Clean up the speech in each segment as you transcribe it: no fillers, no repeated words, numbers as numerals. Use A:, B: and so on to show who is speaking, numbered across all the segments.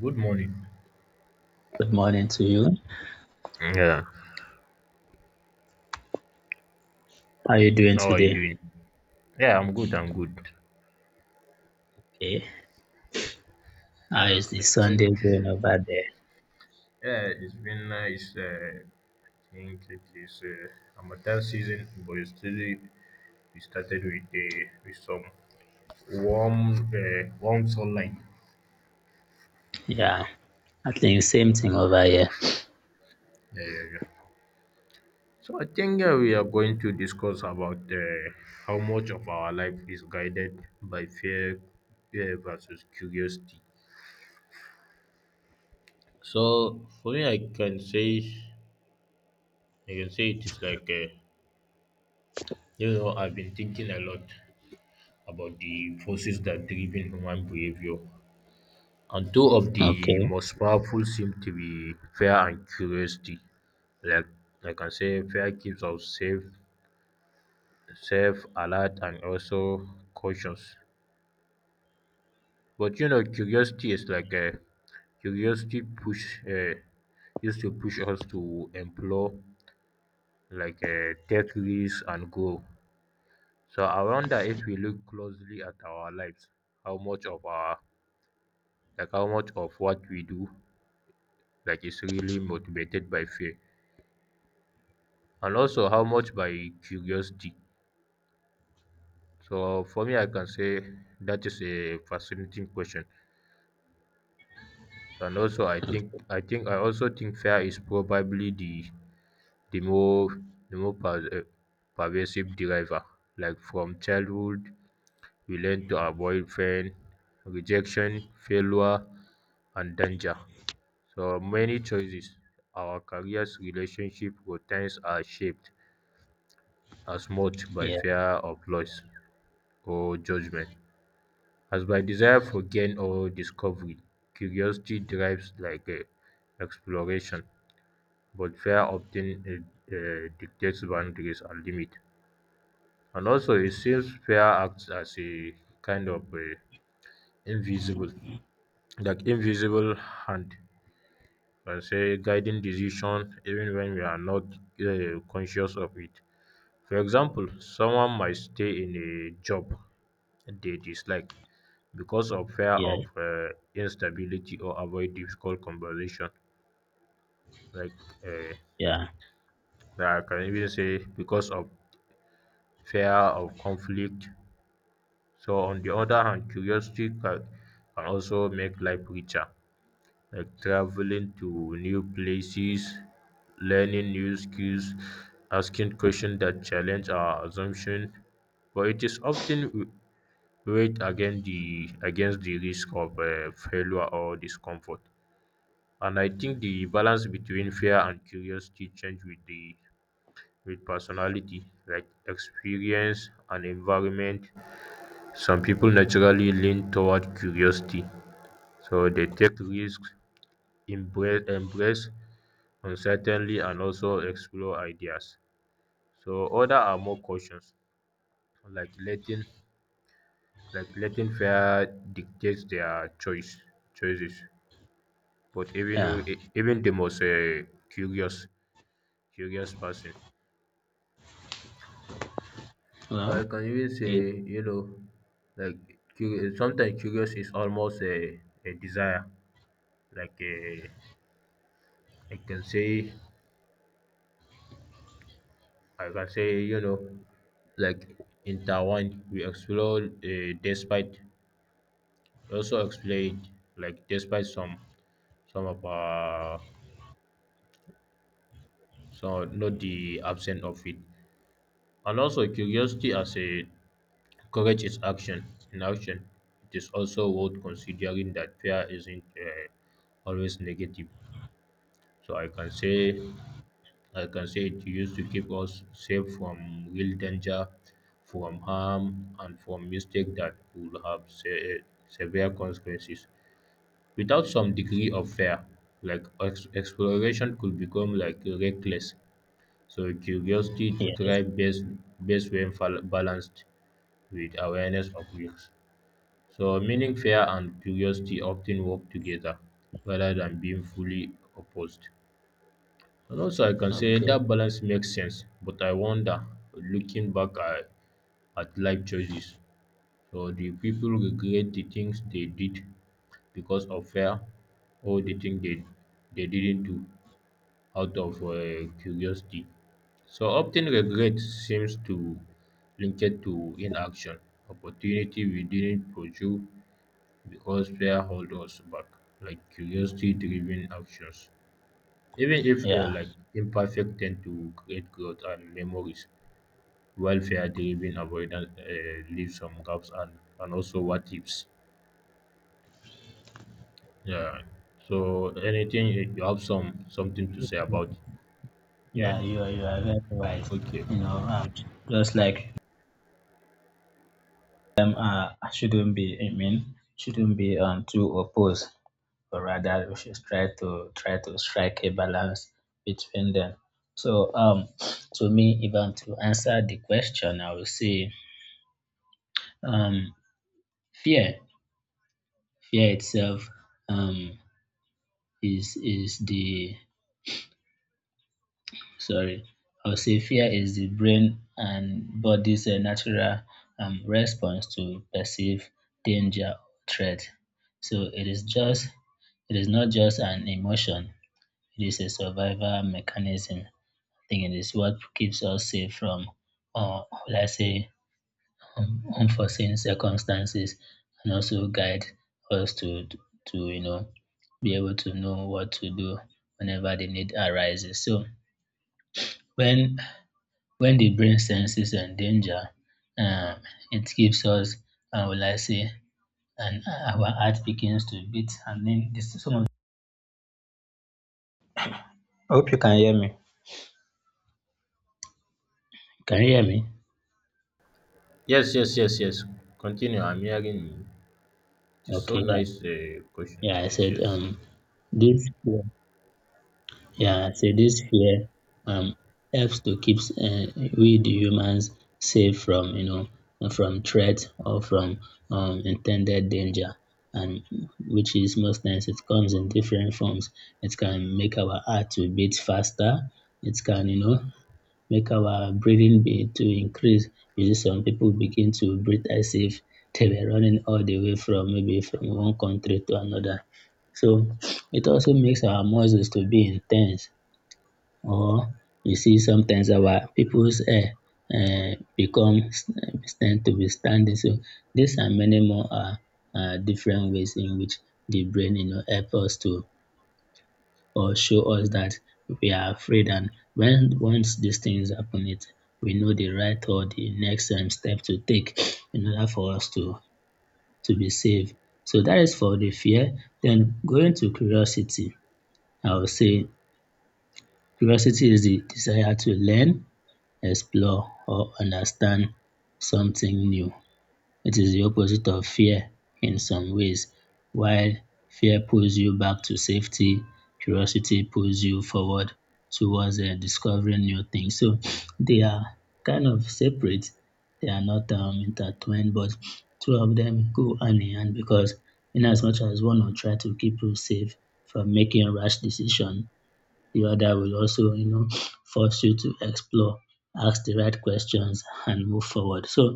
A: Good morning.
B: Good morning to you.
A: Yeah,
B: How are you doing
A: how are you
B: today?
A: doing? Yeah, I'm good.
B: Okay. How
A: Yeah,
B: is the
A: I think
B: Sunday going over there?
A: yeah, it's been nice. I think it is Amatan season, but it's still we started with some warm warm sunlight.
B: Yeah. I think same thing over here.
A: Yeah. So I think we are going to discuss about how much of our life is guided by fear, fear versus curiosity. So for me, I can say it is like. A. You know, I've been thinking a lot about the forces that driven human behavior, and two of the
B: Okay.
A: most powerful seem to be fear and curiosity. Like I can say, fear keeps us safe, safe, alert, and also cautious. But you know, curiosity is like a curiosity push used to push us to explore, like take risks and grow. So I wonder if we look closely at our lives, how much of our how much of what we do like is really motivated by fear and also how much by curiosity. So for me, I can say that is a fascinating question. So, and also I also think fear is probably the the more the more per- uh, pervasive driver, like from childhood we learn to avoid pain, rejection, failure and danger. So many choices, our careers, relationship routines are shaped as much by
B: Yeah.
A: fear of loss or judgment as by desire for gain or discovery. Curiosity drives like exploration, but fear often dictates boundaries and limits. And also, it seems fear acts as a kind of invisible, like invisible hand, and say guiding decision even when we are not conscious of it. For example, someone might stay in a job they dislike because of fear
B: Yeah.
A: of instability, or avoid difficult conversation. Like, uh,
B: Yeah.
A: I can even say because of fear of conflict. So, on the other hand, curiosity can also make life richer, like traveling to new places, learning new skills, asking questions that challenge our assumption. But it is often weighed against the risk of failure or discomfort. And I think the balance between fear and curiosity change with the, with personality, like experience and environment. Some people naturally lean toward curiosity, so they take risks, embrace uncertainty, and also explore ideas. So other are more cautious, like letting like letting fear dictate their choices. But even
B: Yeah.
A: w- even the most curious, curious person. So I
B: Well.
A: can even say,
B: It,
A: you know, like, curi sometimes curious is almost a desire, like, I can say, you know, like, intertwined we explore, despite. Also explained, like despite some of our, some, not the absence of it. And also curiosity as a. Courage is action. In action, it is also worth considering that fear isn't always negative. So I can say it used to keep us safe from real danger, from harm, and from mistake that would have severe consequences. Without some degree of fear, like exploration could become like reckless. So curiosity
B: yes.
A: thrives best when balanced with awareness of risks. So, meaning, fear and curiosity often work together rather than being fully opposed. And also, I can say
B: Okay.
A: that balance makes sense, but I wonder, looking back at life choices, so do people regret the things they did because of fear, or the things they didn't do out of curiosity? So, often regret seems to link it to inaction, opportunity we didn't pursue, because fear hold us back, like curiosity-driven actions. Even if they're
B: Yeah.
A: like imperfect, tend to create growth and memories, while fear-driven avoidance leaves some gaps and also what ifs. Yeah. So anything you have some something to say about it? Yeah.
B: Yeah. You are. You are very right.
A: Okay.
B: You know. Just like I shouldn't be. I mean. Shouldn't be too opposed, or rather we should try to strike a balance between them. So to me, even to answer the question, I would say um fear. Fear itself um is the sorry, I would say fear is the brain and body's natural response to perceived danger or threat. So it is just, it is not just an emotion, it is a survival mechanism. Think it is what keeps us safe from, or let's say, unforeseen circumstances, and also guide us to to be able to know what to do whenever the need arises. So when when the brain senses a danger, um, it gives us, will I say, and our heart begins to beat, and then this is some of. I hope you can hear me. Can you hear me?
A: Yes. Yes. Yes. Yes. Continue. I'm hearing you. It's so
B: Okay, yeah,
A: nice question.
B: yeah. I
A: Yes.
B: said
A: Yes.
B: this. Yeah, so this fear um, helps to keep we the humans safe from from threat or from intended danger, and which is most times it comes in different forms. It can make our heart to beat faster. It can, make our breathing be to increase. You see, some people begin to breathe as if they were running all the way from maybe from one country to another. So it also makes our muscles to be intense, or you see sometimes our people's hair becomes, tend to be standing. So these are many more are different ways in which the brain, help us to or show us that we are afraid, and when once these things happen, it, we know the right or the next step to take in order for us to be safe. So that is for the fear. Then going to curiosity, I would say curiosity is the desire to learn, explore, or understand something new. It is the opposite of fear in some ways. While fear pulls you back to safety, curiosity pulls you forward towards discovering new things. So they are kind of separate, they are not intertwined, but two of them go hand in hand, because in as much as one will try to keep you safe from making rash decision, the other will also, you know, force you to explore, ask the right questions and move forward. So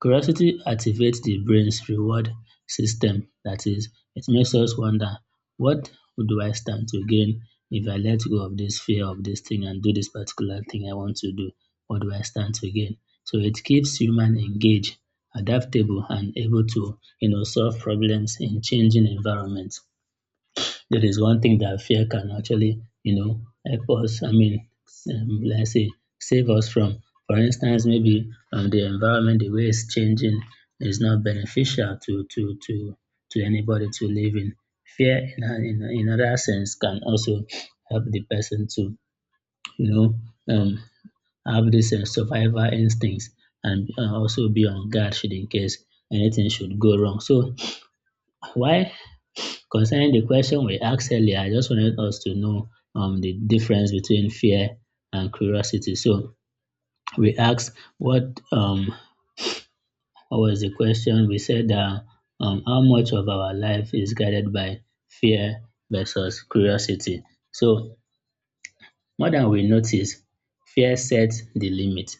B: curiosity activates the brain's reward system. That is, it makes us wonder, what do I stand to gain if I let go of this fear of this thing and do this particular thing I want to do? What do I stand to gain? So it keeps human engaged, adaptable, and able to, you know, solve problems in changing environments. There is one thing that fear can actually, you know, help us, I mean, let's say, save us from. For instance, maybe the environment, the way it's changing, is not beneficial to anybody to live in. Fear, in other sense, can also help the person to, you know, have this survival instincts, and also be on guard should in case anything should go wrong. So why. Concerning the question we asked earlier, I just wanted us to know the difference between fear and curiosity. So we asked what was the question? We said that, how much of our life is guided by fear versus curiosity. So more than we notice, fear sets the limit.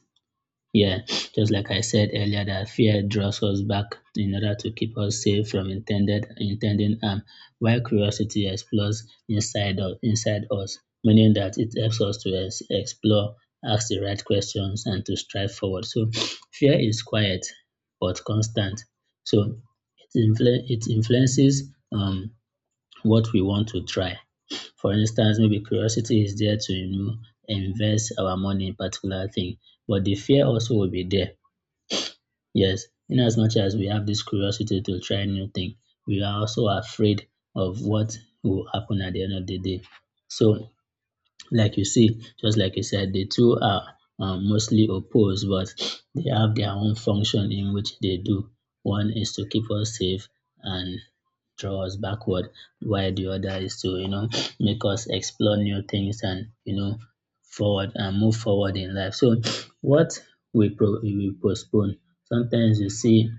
B: Yeah, just like I said earlier, that fear draws us back in order to keep us safe from intended harm, while curiosity explores inside of inside us, meaning that it helps us to explore, ask the right questions, and to strive forward. So, fear is quiet but constant. So it influences what we want to try. For instance, maybe curiosity is there to, you know, invest our money in particular thing, but the fear also will be there. Yes, in as much as we have this curiosity to try new thing, we are also afraid of what will happen at the end of the day. So, like you see, just like you said, the two are mostly opposed, but they have their own function in which they do. One is to keep us safe and draw us backward, while the other is to, you know, make us explore new things, and you know, forward and move forward in life. So what we postpone. Sometimes you see,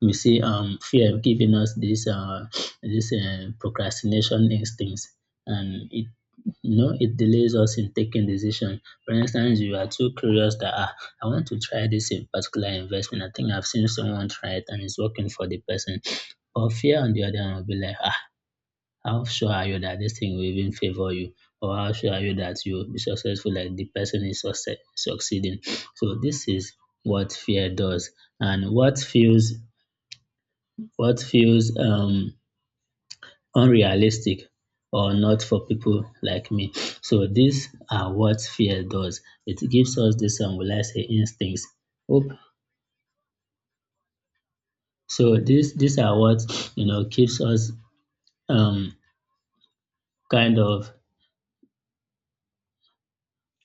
B: we see fear giving us this procrastination instincts, and it, you know, it delays us in taking decision. For instance, you are too curious that, ah, I want to try this in particular investment. I think I've seen someone try it and it's working for the person. But fear on the other hand will be like, ah, how sure are you that this thing will even favor you? Or how sure are you that you will be successful like the person is succeeding? So this is what fear does. And what feels, what feels um unrealistic or not for people like me. So these are what fear does. It gives us this, will I say, instincts. Hope so, these are what, you know, keeps us um kind of.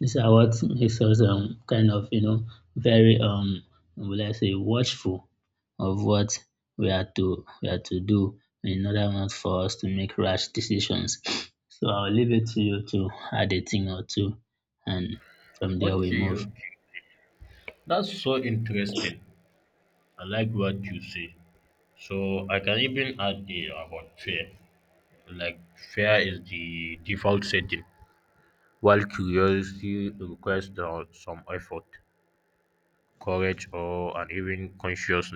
B: These are what makes us kind of, you know, very will I say watchful of what we are to do, in order not for us to make rash decisions. So I'll leave it to you to add a thing or two, and from there we
A: Okay.
B: move.
A: Okay. That's so interesting. I like what you say. So I can even add a about fear. Like fear is the default setting, while curiosity requires some effort, courage, or and even conscious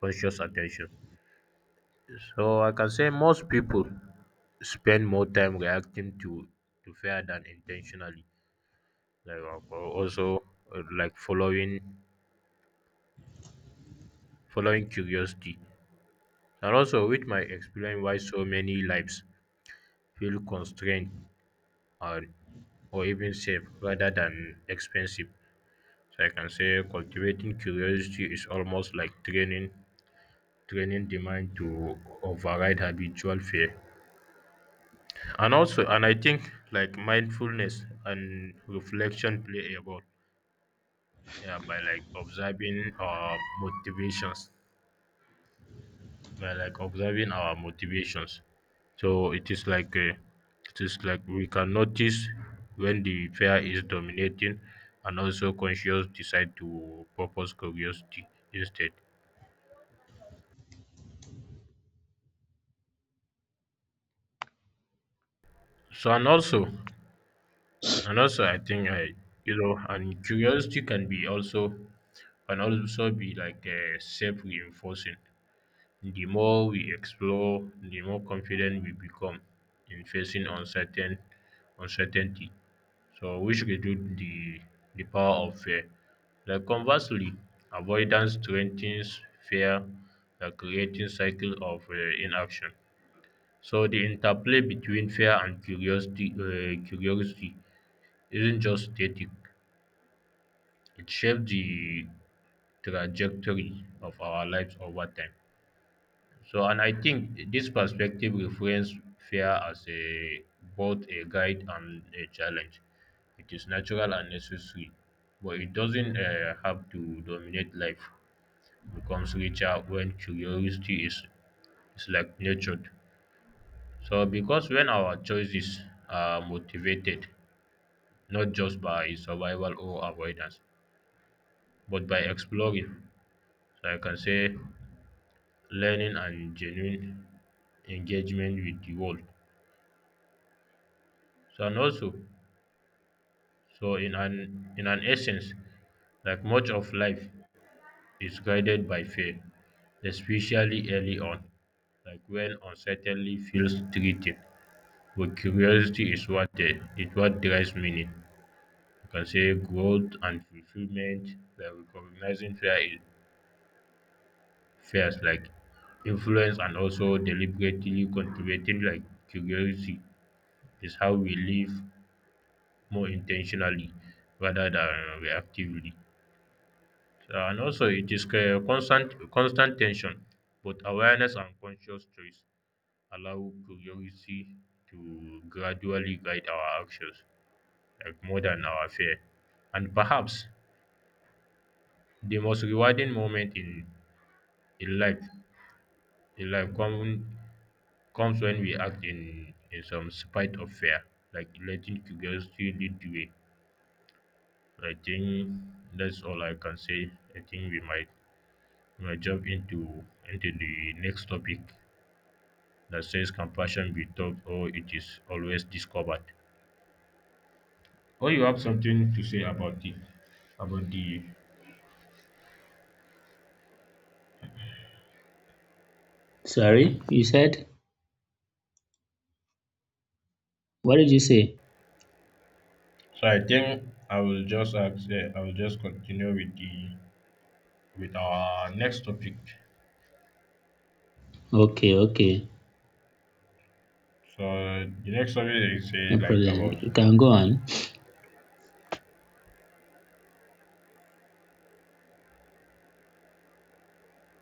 A: conscious attention. So I can say most people spend more time reacting to fear than intentionally. Like uh, also like following curiosity, and also which might explain why so many lives feel constrained or or even safe rather than expensive. So I can say cultivating curiosity is almost like training the mind to override habitual fear. And also, and I think like mindfulness and reflection play a role. Yeah, by like observing our motivations. So it is like it is like we can notice when the fear is dominating, and also conscious decide to purpose curiosity instead. So, and also, and also I think I you know, and curiosity can be also, can also be like self reinforcing. The more we explore, the more confident we become in facing uncertainty. So which reduce the power of fear. Like conversely, avoidance strengthens fear, like creating cycle of inaction. So the interplay between fear and curiosity isn't just static; it shapes the trajectory of our lives over time. So, and I think this perspective reframes fear as a both a guide and a challenge. It is natural and necessary, but it doesn't have to dominate life. It becomes richer when curiosity is like nurtured. So, because when our choices are motivated, not just by survival or avoidance, but by exploring, so I can say learning and genuine engagement with the world. So, and also, so in an essence, like much of life is guided by fear, especially early on, like when uncertainty feels threatening. But curiosity is is what drives meaning. You can say growth and fulfillment, by recognizing fears like influence, and also deliberately cultivating like curiosity is how we live more intentionally rather than reactively. And also, it is a constant tension, but awareness and conscious choice allow curiosity to gradually guide our actions, like more than our fear. And perhaps the most rewarding moment in life, in life comes when we act in some spite of fear, like letting curiosity lead the way. I think that's all I can say. I think we might jump into the next topic. That says, compassion be taught or it is always discovered? Or you have something to say about the.
B: Sorry, you said, what did you say?
A: So I think I will just ask, eh, I will just continue with the, with our next topic.
B: Okay, okay,
A: So the next topic is eh,
B: no
A: like
B: problem.
A: about
B: You can go on.